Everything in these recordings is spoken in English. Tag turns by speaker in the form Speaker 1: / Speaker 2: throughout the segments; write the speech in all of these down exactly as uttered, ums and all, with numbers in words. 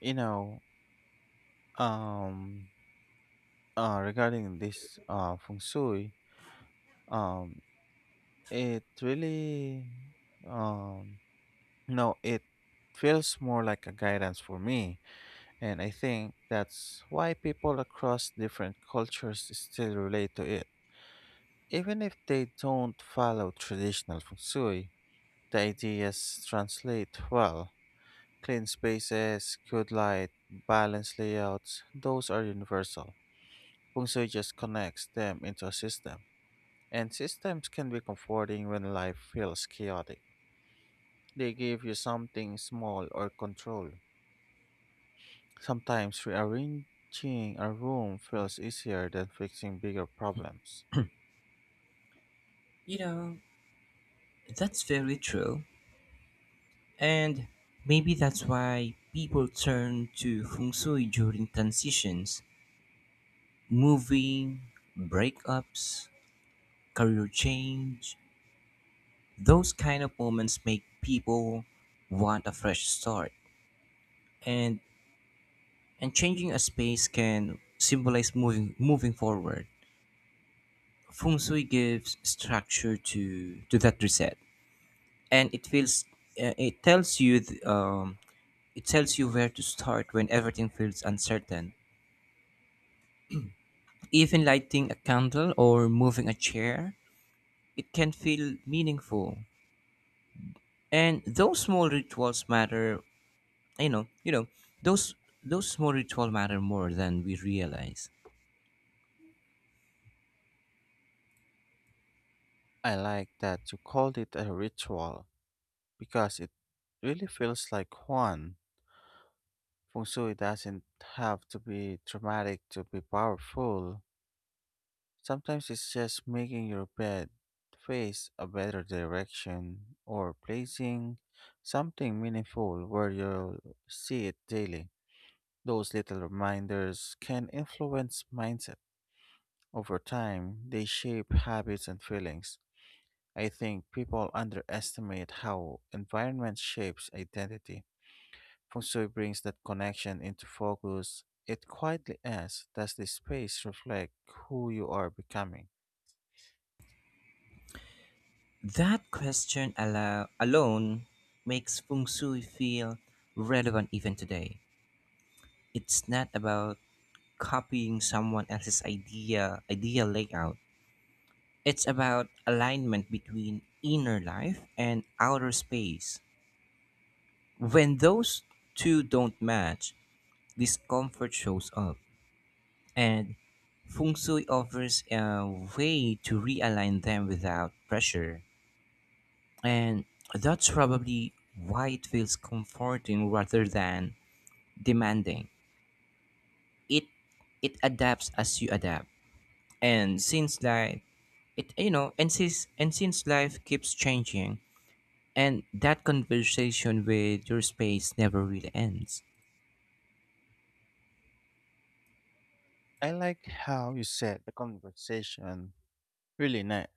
Speaker 1: You know, um, uh, Regarding this uh, feng shui, um, it really, um, no, it feels more like a guidance for me, and I think that's why people across different cultures still relate to it, even if they don't follow traditional feng shui. The ideas translate well. Clean spaces, good light, balanced layouts, those are universal. Feng Shui just connects them into a system, and systems can be comforting when life feels chaotic. They give you something small or control. Sometimes rearranging a room feels easier than fixing bigger problems.
Speaker 2: You know, that's very true. And maybe that's why people turn to feng shui during transitions, moving, breakups, career change. Those kind of moments make people want a fresh start. And and changing a space can symbolize moving moving forward. Feng shui gives structure to to that reset. And it feels uh, it tells you th- um It tells you where to start when everything feels uncertain. Even lighting a candle or moving a chair, it can feel meaningful. And those small rituals matter, you know, you know, those those small rituals matter more than we realize.
Speaker 1: I like that you called it a ritual because it really feels like one. Feng Shui doesn't have to be dramatic to be powerful. Sometimes it's just making your bed face a better direction or placing something meaningful where you'll see it daily. Those little reminders can influence mindset. Over time, they shape habits and feelings. I think people underestimate how environment shapes identity. Feng Shui brings that connection into focus. It quietly asks, does this space reflect who you are becoming?
Speaker 2: That question allow, alone makes feng shui feel relevant even today. It's not about copying someone else's idea, idea layout. It's about alignment between inner life and outer space. When those two don't match, discomfort shows up. And feng shui offers a way to realign them without pressure. And that's probably why it feels comforting rather than demanding. It it adapts as you adapt. And since life it you know and since and since life keeps changing, and that conversation with your space never really ends.
Speaker 1: I like how you said the conversation really ne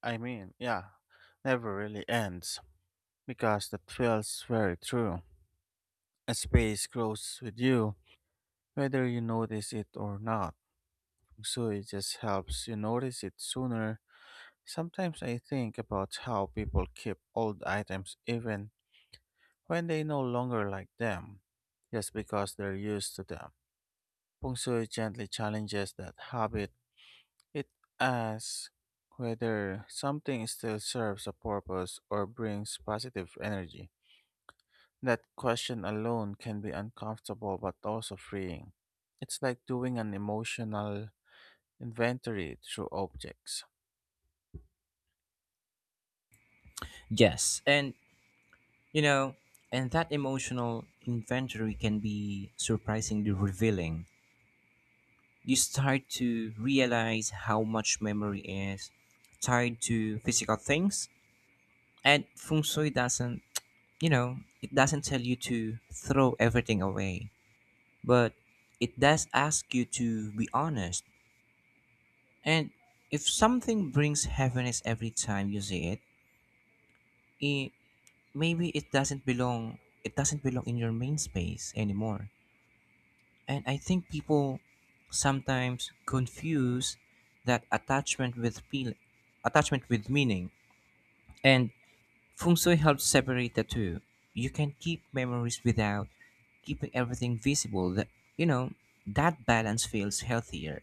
Speaker 1: I mean, yeah, never really ends because that feels very true. A space grows with you, whether you notice it or not. So it just helps you notice it sooner. Sometimes I think about how people keep old items even when they no longer like them, just because they're used to them. Pungsu gently challenges that habit. It asks whether something still serves a purpose or brings positive energy. That question alone can be uncomfortable but also freeing. It's like doing an emotional inventory through objects.
Speaker 2: Yes, and you know, and that emotional inventory can be surprisingly revealing. You start to realize how much memory is tied to physical things, and feng shui doesn't, you know, it doesn't tell you to throw everything away, but it does ask you to be honest. And if something brings happiness every time you see it, maybe it doesn't belong it doesn't belong in your main space anymore. And I think people sometimes confuse that attachment with feel attachment with meaning, and feng shui helps separate the two. You can keep memories without keeping everything visible. That you know that balance feels healthier.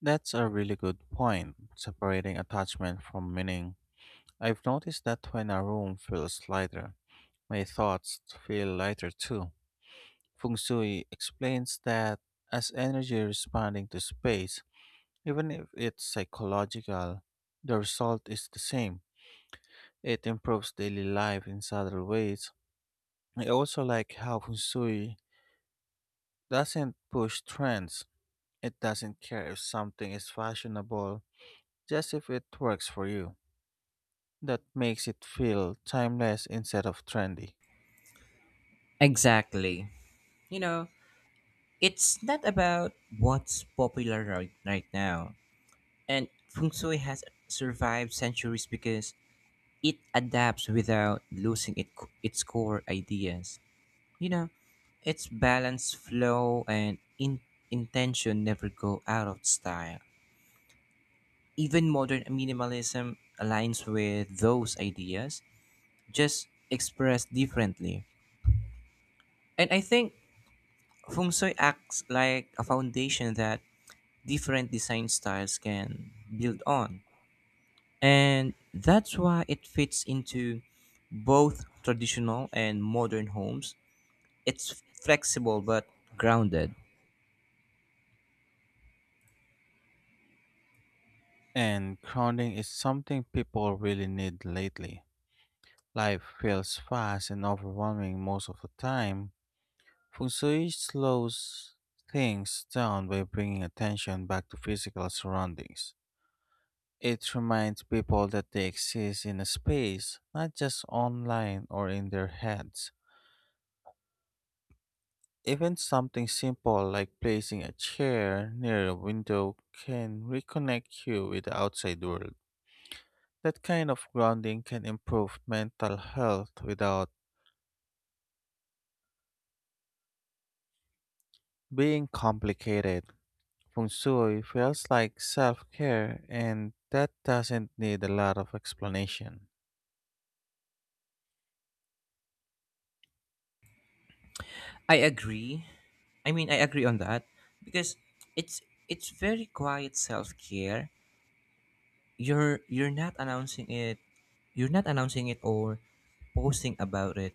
Speaker 1: That's a really good point, separating attachment from meaning. I've noticed that when a room feels lighter, my thoughts feel lighter too. Feng Shui explains that as energy responding to space. Even if it's psychological, the result is the same. It improves daily life in subtle ways. I also like how Fusui doesn't push trends. It doesn't care if something is fashionable, just if it works for you. That makes it feel timeless instead of trendy.
Speaker 2: Exactly. you know it's not about what's popular right, right now. And feng shui has survived centuries because it adapts without losing it, its core ideas. You know, its balance, flow, and in, intention never go out of style. Even modern minimalism aligns with those ideas, just expressed differently. And I think feng shui acts like a foundation that different design styles can build on. And that's why it fits into both traditional and modern homes. It's flexible but grounded.
Speaker 1: And grounding is something people really need lately. Life feels fast and overwhelming most of the time. Feng Shui slows things down by bringing attention back to physical surroundings. It reminds people that they exist in a space, not just online or in their heads. Even something simple like placing a chair near a window can reconnect you with the outside world. That kind of grounding can improve mental health without being complicated. Feng Shui feels like self care, and that doesn't need a lot of explanation.
Speaker 2: I agree. I mean, I agree on that because it's it's very quiet self-care. You're you're not announcing it. You're not announcing it or posting about it.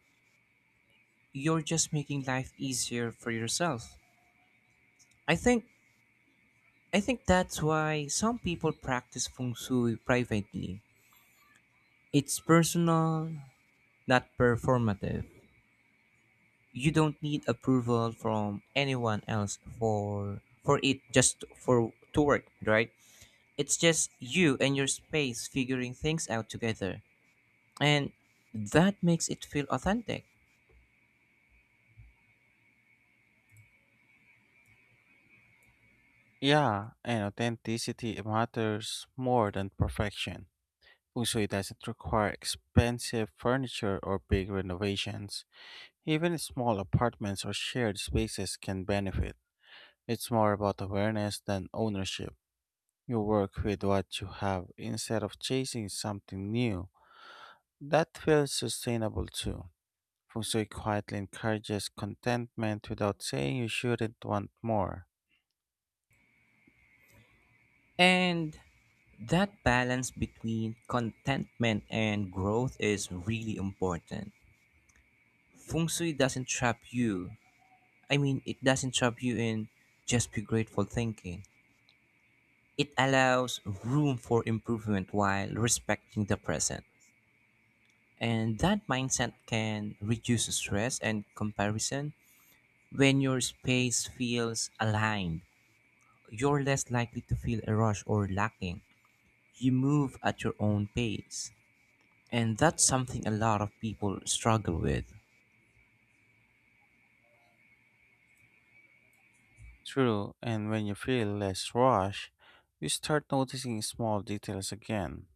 Speaker 2: You're just making life easier for yourself. I think I think that's why some people practice feng shui privately. It's personal, not performative. You don't need approval from anyone else for for it just for to work, right? It's just you and your space figuring things out together, and that makes it feel authentic.
Speaker 1: Yeah, and authenticity matters more than perfection. Feng Shui doesn't require expensive furniture or big renovations. Even small apartments or shared spaces can benefit. It's more about awareness than ownership. You work with what you have instead of chasing something new. That feels sustainable too. Fusui quietly encourages contentment without saying you shouldn't want more.
Speaker 2: And that balance between contentment and growth is really important. Feng shui doesn't trap you I mean It doesn't trap you in just be grateful thinking. It allows room for improvement while respecting the present. And that mindset can reduce stress and comparison. When your space feels aligned, you're less likely to feel a rush or lacking. You move at your own pace. And that's something a lot of people struggle with.
Speaker 1: True, and when you feel less rush, you start noticing small details again,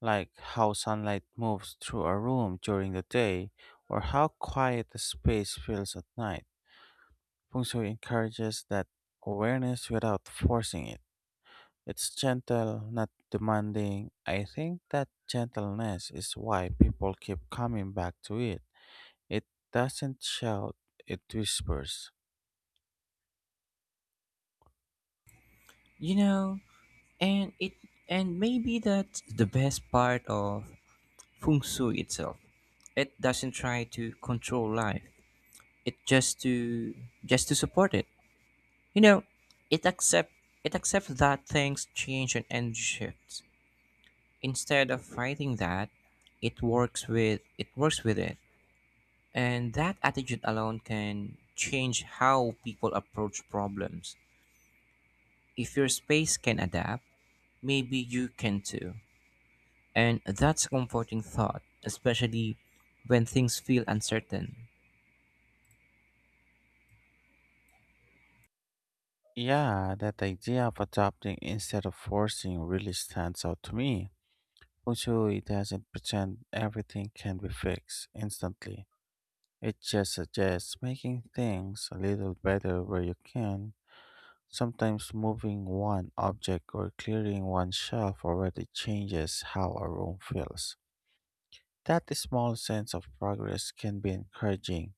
Speaker 1: like how sunlight moves through a room during the day or how quiet the space feels at night. Feng Shui encourages that awareness without forcing it. It's gentle, not demanding. I think that gentleness is why people keep coming back to it. It doesn't shout, it whispers.
Speaker 2: You know, and it and maybe that's the best part of feng shui itself. It doesn't try to control life. It just to just to support it. You know, it accept it accepts that things change and end shifts. Instead of fighting that, it works with it works with it. And that attitude alone can change how people approach problems. If your space can adapt, maybe you can too. And that's a comforting thought, especially when things feel uncertain.
Speaker 1: Yeah, that idea of adopting instead of forcing really stands out to me. Feng It doesn't pretend everything can be fixed instantly. It just suggests making things a little better where you can. Sometimes moving one object or clearing one shelf already changes how a room feels. That small sense of progress can be encouraging.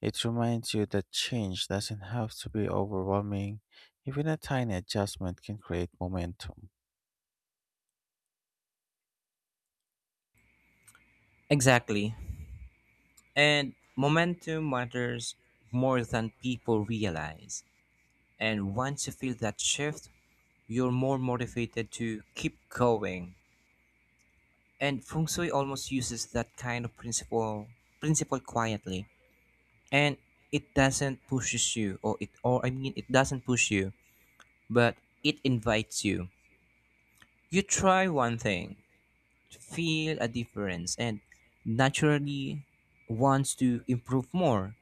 Speaker 1: It reminds you that change doesn't have to be overwhelming. Even a tiny adjustment can create momentum.
Speaker 2: Exactly. And momentum matters more than people realize. And once you feel that shift, you're more motivated to keep going. And feng shui almost uses that kind of principle principle quietly. And it doesn't pushes you or it or I mean it doesn't push you, but it invites you. You try one thing, feel a difference, and naturally wants to improve more.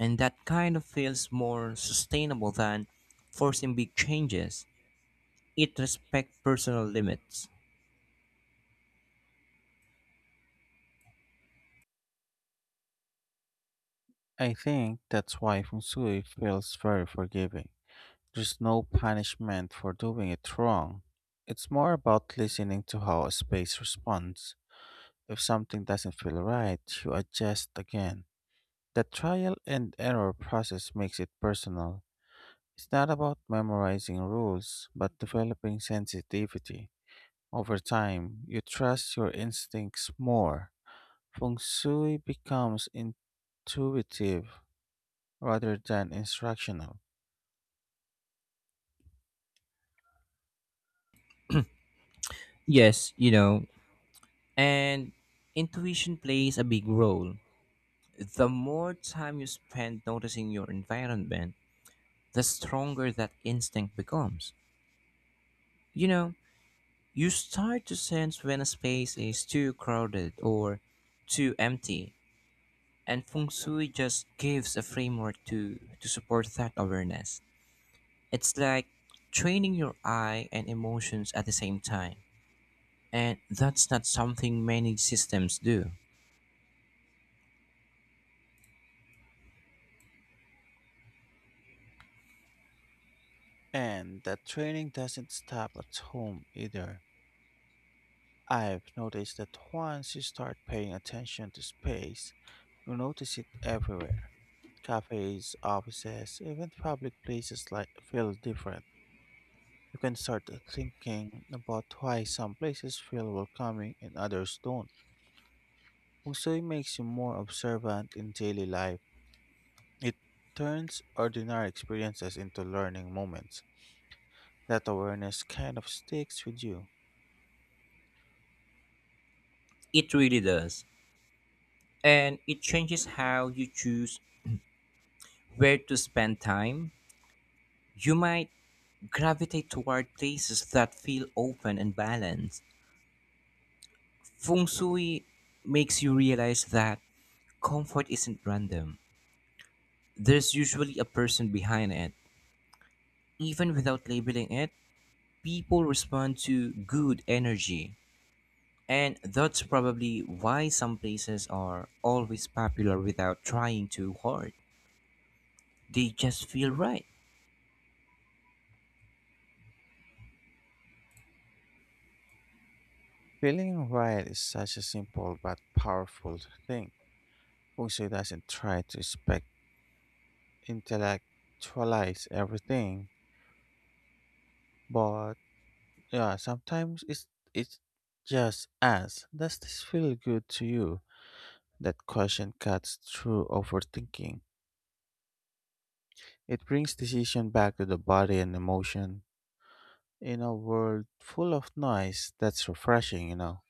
Speaker 2: And that kind of feels more sustainable than forcing big changes. It respects personal limits.
Speaker 1: I think that's why Feng Shui feels very forgiving. There's no punishment for doing it wrong. It's more about listening to how a space responds. If something doesn't feel right, you adjust again. The trial and error process makes it personal. It's not about memorizing rules, but developing sensitivity. Over time, you trust your instincts more. Feng Shui becomes intuitive rather than instructional.
Speaker 2: Yes, you know, and intuition plays a big role. The more time you spend noticing your environment, the stronger that instinct becomes. You know, you start to sense when a space is too crowded or too empty, and feng shui just gives a framework to, to support that awareness. It's like training your eye and emotions at the same time, and that's not something many systems do.
Speaker 1: And that training doesn't stop at home either. I've noticed that once you start paying attention to space, you notice it everywhere. Cafes, offices, even public places like feel different. You can start thinking about why some places feel welcoming and others don't. Feng Shui makes you more observant in daily life. It turns ordinary experiences into learning moments. That awareness kind of sticks with you.
Speaker 2: It really does. And it changes how you choose where to spend time. You might gravitate toward places that feel open and balanced. Feng shui makes you realize that comfort isn't random, there's usually a person behind it. Even without labeling it, people respond to good energy. And that's probably why some places are always popular without trying too hard. They just feel right.
Speaker 1: Feeling right is such a simple but powerful thing. Feng Shui doesn't try to spec intellectualize everything, but yeah, sometimes it's it just asks, does this feel good to you? That question cuts through overthinking. It brings decision back to the body and emotion. In a world full of noise, that's refreshing, you know.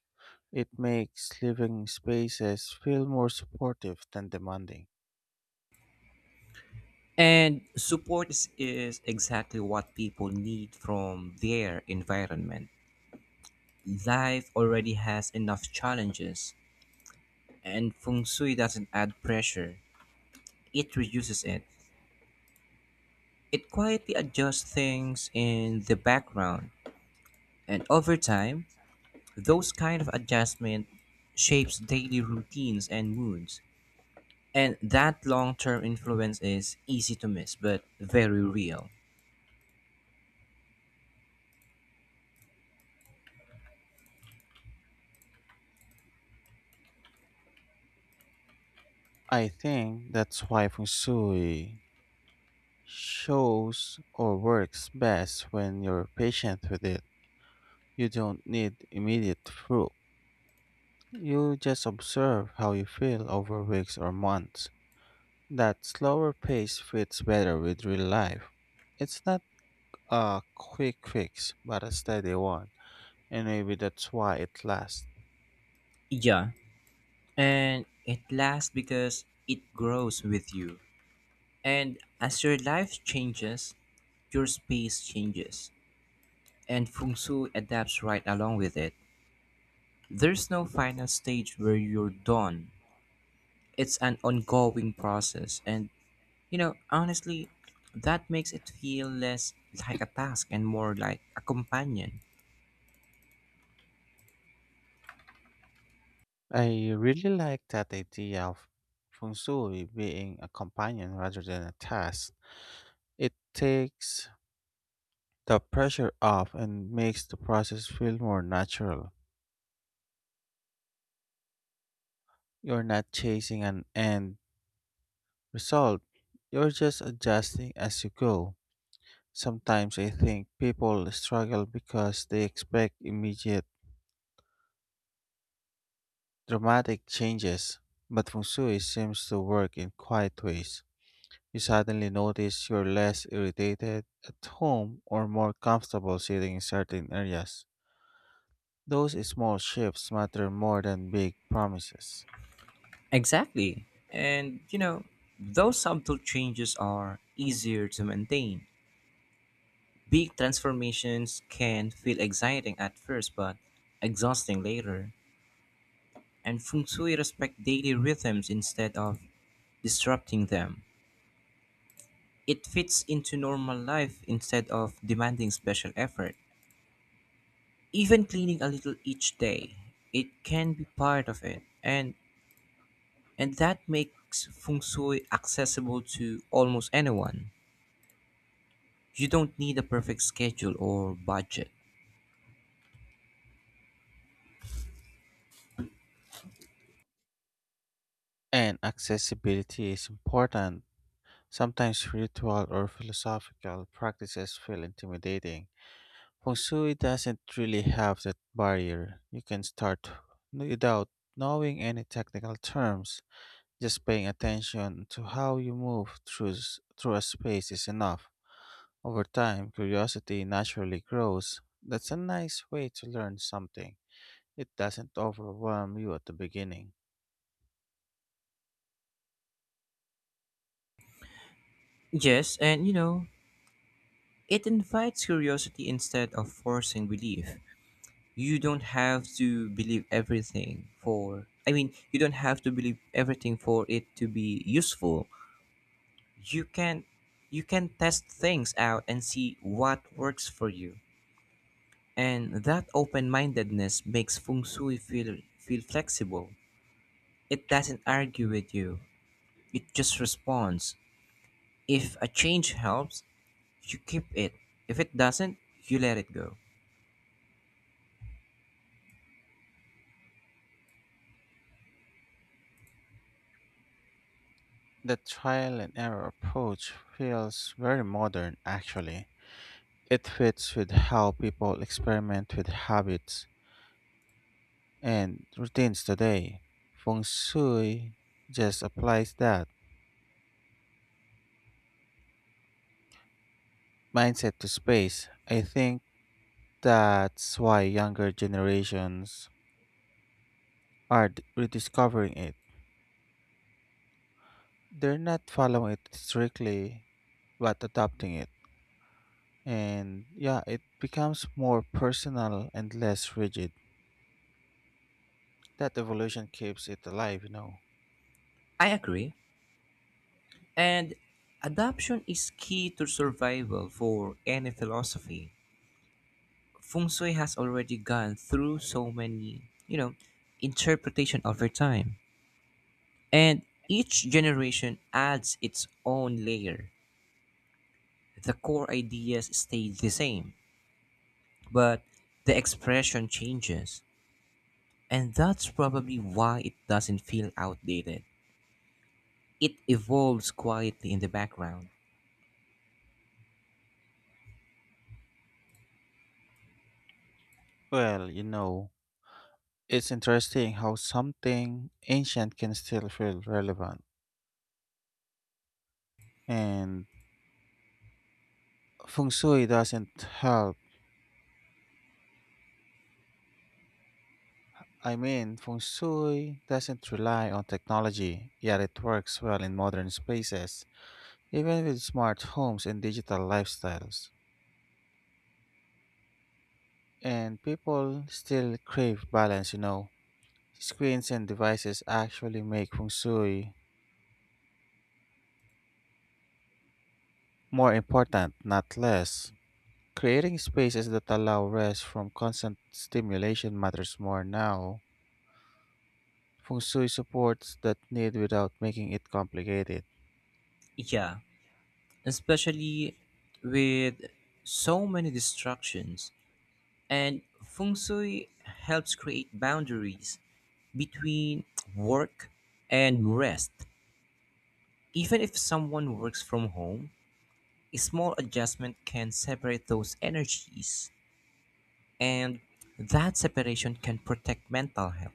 Speaker 1: It makes living spaces feel more supportive than demanding.
Speaker 2: And support is, is exactly what people need from their environment. Life already has enough challenges, and feng shui doesn't add pressure, it reduces it. It quietly adjusts things in the background, and over time, those kind of adjustment shapes daily routines and moods. And that long-term influence is easy to miss, but very real.
Speaker 1: I think that's why feng shui shows or works best when you're patient with it. You don't need immediate proof. You just observe how you feel over weeks or months. That slower pace fits better with real life. It's not a quick fix, but a steady one. And maybe that's why it lasts.
Speaker 2: Yeah, and it lasts because it grows with you. And as your life changes, your space changes. And feng shui adapts right along with it. There's no final stage where you're done. It's an ongoing process. And, you know, honestly, that makes it feel less like a task and more like a companion.
Speaker 1: I really like that idea of feng shui being a companion rather than a task. It takes the pressure off and makes the process feel more natural. You're not chasing an end result, you're just adjusting as you go. Sometimes I think people struggle because they expect immediate dramatic changes, but feng shui seems to work in quiet ways. You suddenly notice you're less irritated at home or more comfortable sitting in certain areas. Those small shifts matter more than big promises.
Speaker 2: Exactly. And, you know, those subtle changes are easier to maintain. Big transformations can feel exciting at first but exhausting later, and feng shui respect daily rhythms instead of disrupting them. It fits into normal life instead of demanding special effort. Even cleaning a little each day, it can be part of it, and and that makes feng shui accessible to almost anyone. You don't need a perfect schedule or budget.
Speaker 1: And accessibility is important. Sometimes spiritual or philosophical practices feel intimidating. Feng Shui doesn't really have that barrier. You can start without knowing any technical terms. Just paying attention to how you move through, s- through a space is enough. Over time, curiosity naturally grows. That's a nice way to learn something. It doesn't overwhelm you at the beginning.
Speaker 2: Yes, and you know, it invites curiosity instead of forcing belief. You don't have to believe everything for, I mean, You don't have to believe everything for it to be useful. You can you can test things out and see what works for you. And that open-mindedness makes feng shui feel feel flexible. It doesn't argue with you. It just responds. If a change helps, you keep it. If it doesn't, you let it go.
Speaker 1: The trial and error approach feels very modern, actually. It fits with how people experiment with habits and routines today. Feng Shui just applies that mindset to space. I think that's why younger generations are d- rediscovering it. They're not following it strictly, but adopting it, and yeah, it becomes more personal and less rigid that evolution keeps it alive you know
Speaker 2: I agree. And adaption is key to survival for any philosophy. Feng shui has already gone through so many, you know, interpretation over time. And each generation adds its own layer. The core ideas stay the same, but the expression changes. And that's probably why it doesn't feel outdated. It evolves quietly in the background.
Speaker 1: Well, you know it's interesting how something ancient can still feel relevant. And feng shui doesn't help i mean feng shui doesn't rely on technology, yet it works well in modern spaces, even with smart homes and digital lifestyles. And people still crave balance, you know. Screens and devices actually make feng shui more important, not less. Creating spaces that allow rest from constant stimulation matters more now. Feng shui supports that need without making it complicated.
Speaker 2: Yeah, especially with so many distractions. And feng shui helps create boundaries between work and rest. Even if someone works from home, a small adjustment can separate those energies, and that separation can protect mental health.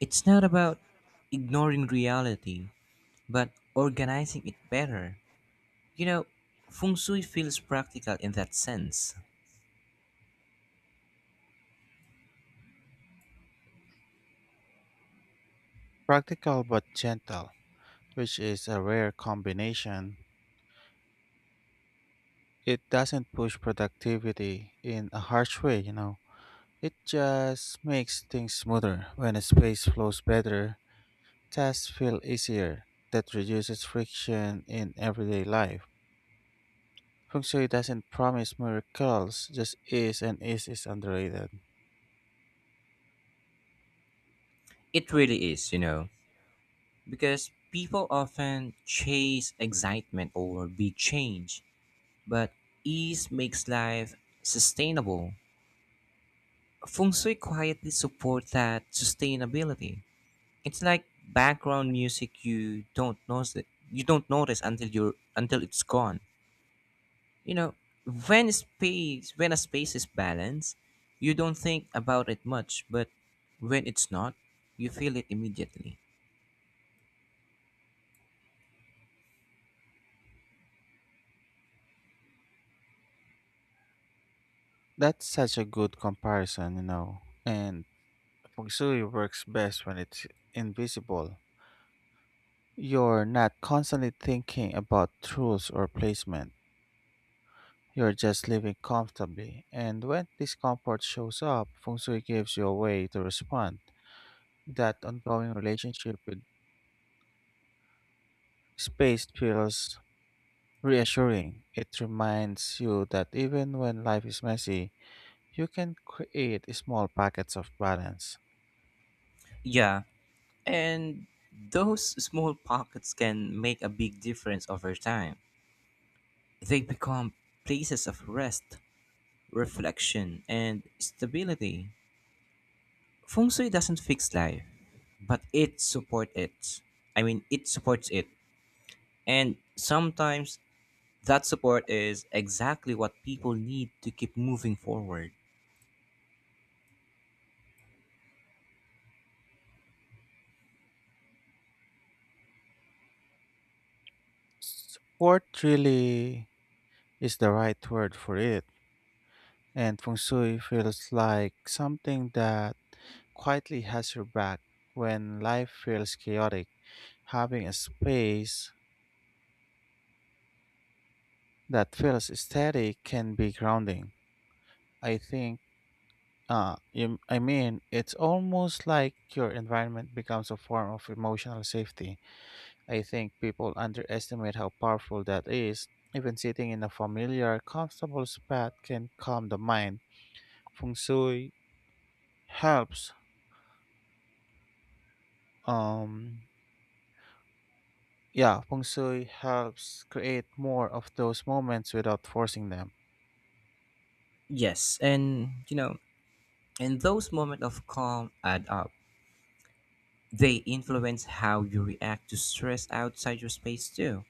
Speaker 2: It's not about ignoring reality, but organizing it better. You know, feng shui feels practical in that sense.
Speaker 1: Practical but gentle, which is a rare combination. It doesn't push productivity in a harsh way, you know. It just makes things smoother. When a space flows better, tasks feel easier. That reduces friction in everyday life. Feng Shui doesn't promise miracles, just ease, and ease is underrated.
Speaker 2: It really is, you know, because people often chase excitement over big change, but ease makes life sustainable. Feng shui quietly supports that sustainability. It's like background music you don't notice you don't notice until you're until it's gone. You know, when space when a space is balanced, you don't think about it much, but when it's not, you feel it immediately.
Speaker 1: That's such a good comparison, you know. And Feng Shui works best when it's invisible. You're not constantly thinking about rules or placement. You're just living comfortably. And when discomfort shows up, Feng Shui gives you a way to respond. That ongoing relationship with space feels reassuring. It reminds you that even when life is messy, you can create small pockets of balance.
Speaker 2: Yeah, and those small pockets can make a big difference over time. They become places of rest, reflection, and stability. Feng shui doesn't fix life, but it supports it. I mean, it supports it. And sometimes that support is exactly what people need to keep moving forward.
Speaker 1: Support really is the right word for it, and feng shui feels like something that quietly has your back when life feels chaotic. Having a space that feels steady can be grounding, I think. Uh, you, I mean, it's almost like your environment becomes a form of emotional safety. I think people underestimate how powerful that is. Even sitting in a familiar, comfortable spot can calm the mind. Feng Shui helps. Um, yeah, Feng Shui helps create more of those moments without forcing them.
Speaker 2: Yes, and you know, and those moments of calm add up. They influence how you react to stress outside your space too.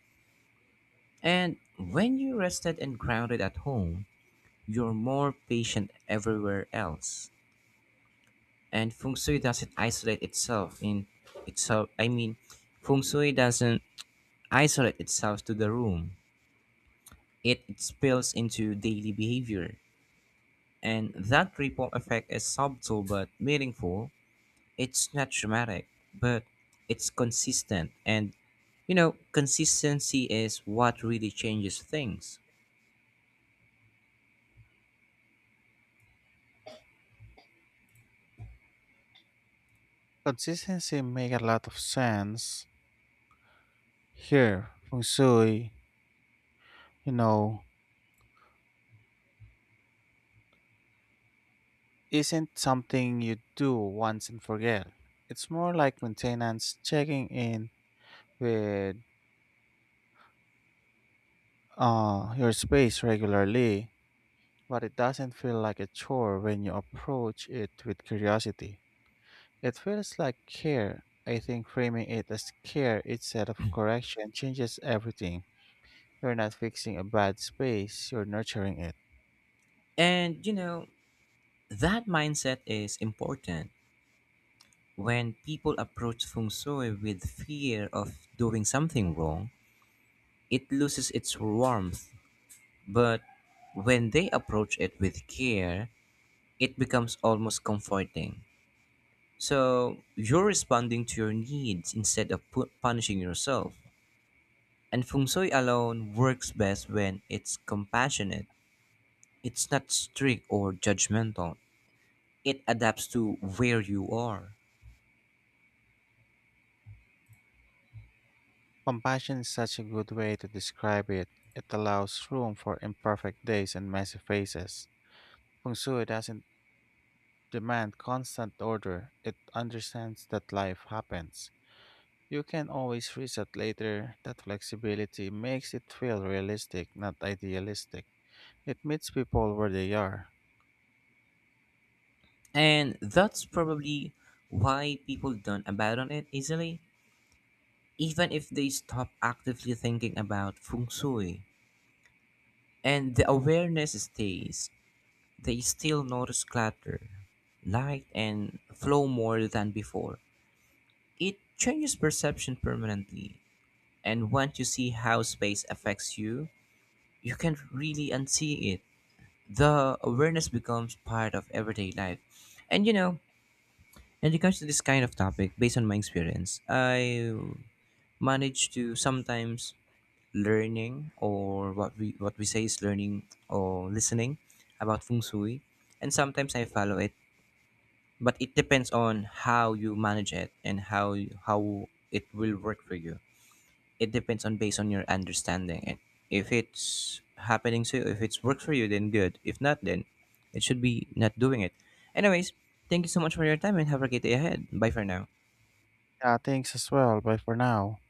Speaker 2: And when you rested and grounded at home, you're more patient everywhere else. And feng shui doesn't isolate itself in itself. I mean, feng shui doesn't isolate itself to the room. It, it spills into daily behavior. And that ripple effect is subtle but meaningful. It's not dramatic, but it's consistent. And, you know, consistency is what really changes things.
Speaker 1: Consistency make a lot of sense here. Feng Shui, you know, isn't something you do once and forget. It's more like maintenance, checking in with uh, your space regularly. But it doesn't feel like a chore when you approach it with curiosity. It feels like care. I think framing it as care instead of correction changes everything. You're not fixing a bad space, you're nurturing it.
Speaker 2: And, you know, that mindset is important. When people approach feng shui with fear of doing something wrong, it loses its warmth. But when they approach it with care, it becomes almost comforting. So you're responding to your needs instead of pu- punishing yourself. And feng shui alone works best when it's compassionate. It's not strict or judgmental. It adapts to where you are.
Speaker 1: Compassion is such a good way to describe it. It allows room for imperfect days and messy faces. Feng Shui doesn't demand constant order, it understands that life happens. You can always reset later. That flexibility makes it feel realistic, not idealistic. It meets people where they are.
Speaker 2: And that's probably why people don't abandon it easily, even if they stop actively thinking about feng shui. And the awareness stays, they still notice clutter, light, and flow more than before. It changes perception permanently, and once you see how space affects you, you can't really unsee it. The awareness becomes part of everyday life. And you know, in regards to this kind of topic, based on my experience, I managed to sometimes learning or what we what we say is learning or listening about feng shui, and sometimes I follow it. But it depends on how you manage it and how you- how it will work for you. It depends on based on your understanding. And if it's happening to you, if it's works for you, then good. If not, then it should be not doing it. Anyways, thank you so much for your time and have a great day ahead. Bye for now.
Speaker 1: Yeah, thanks as well. Bye for now.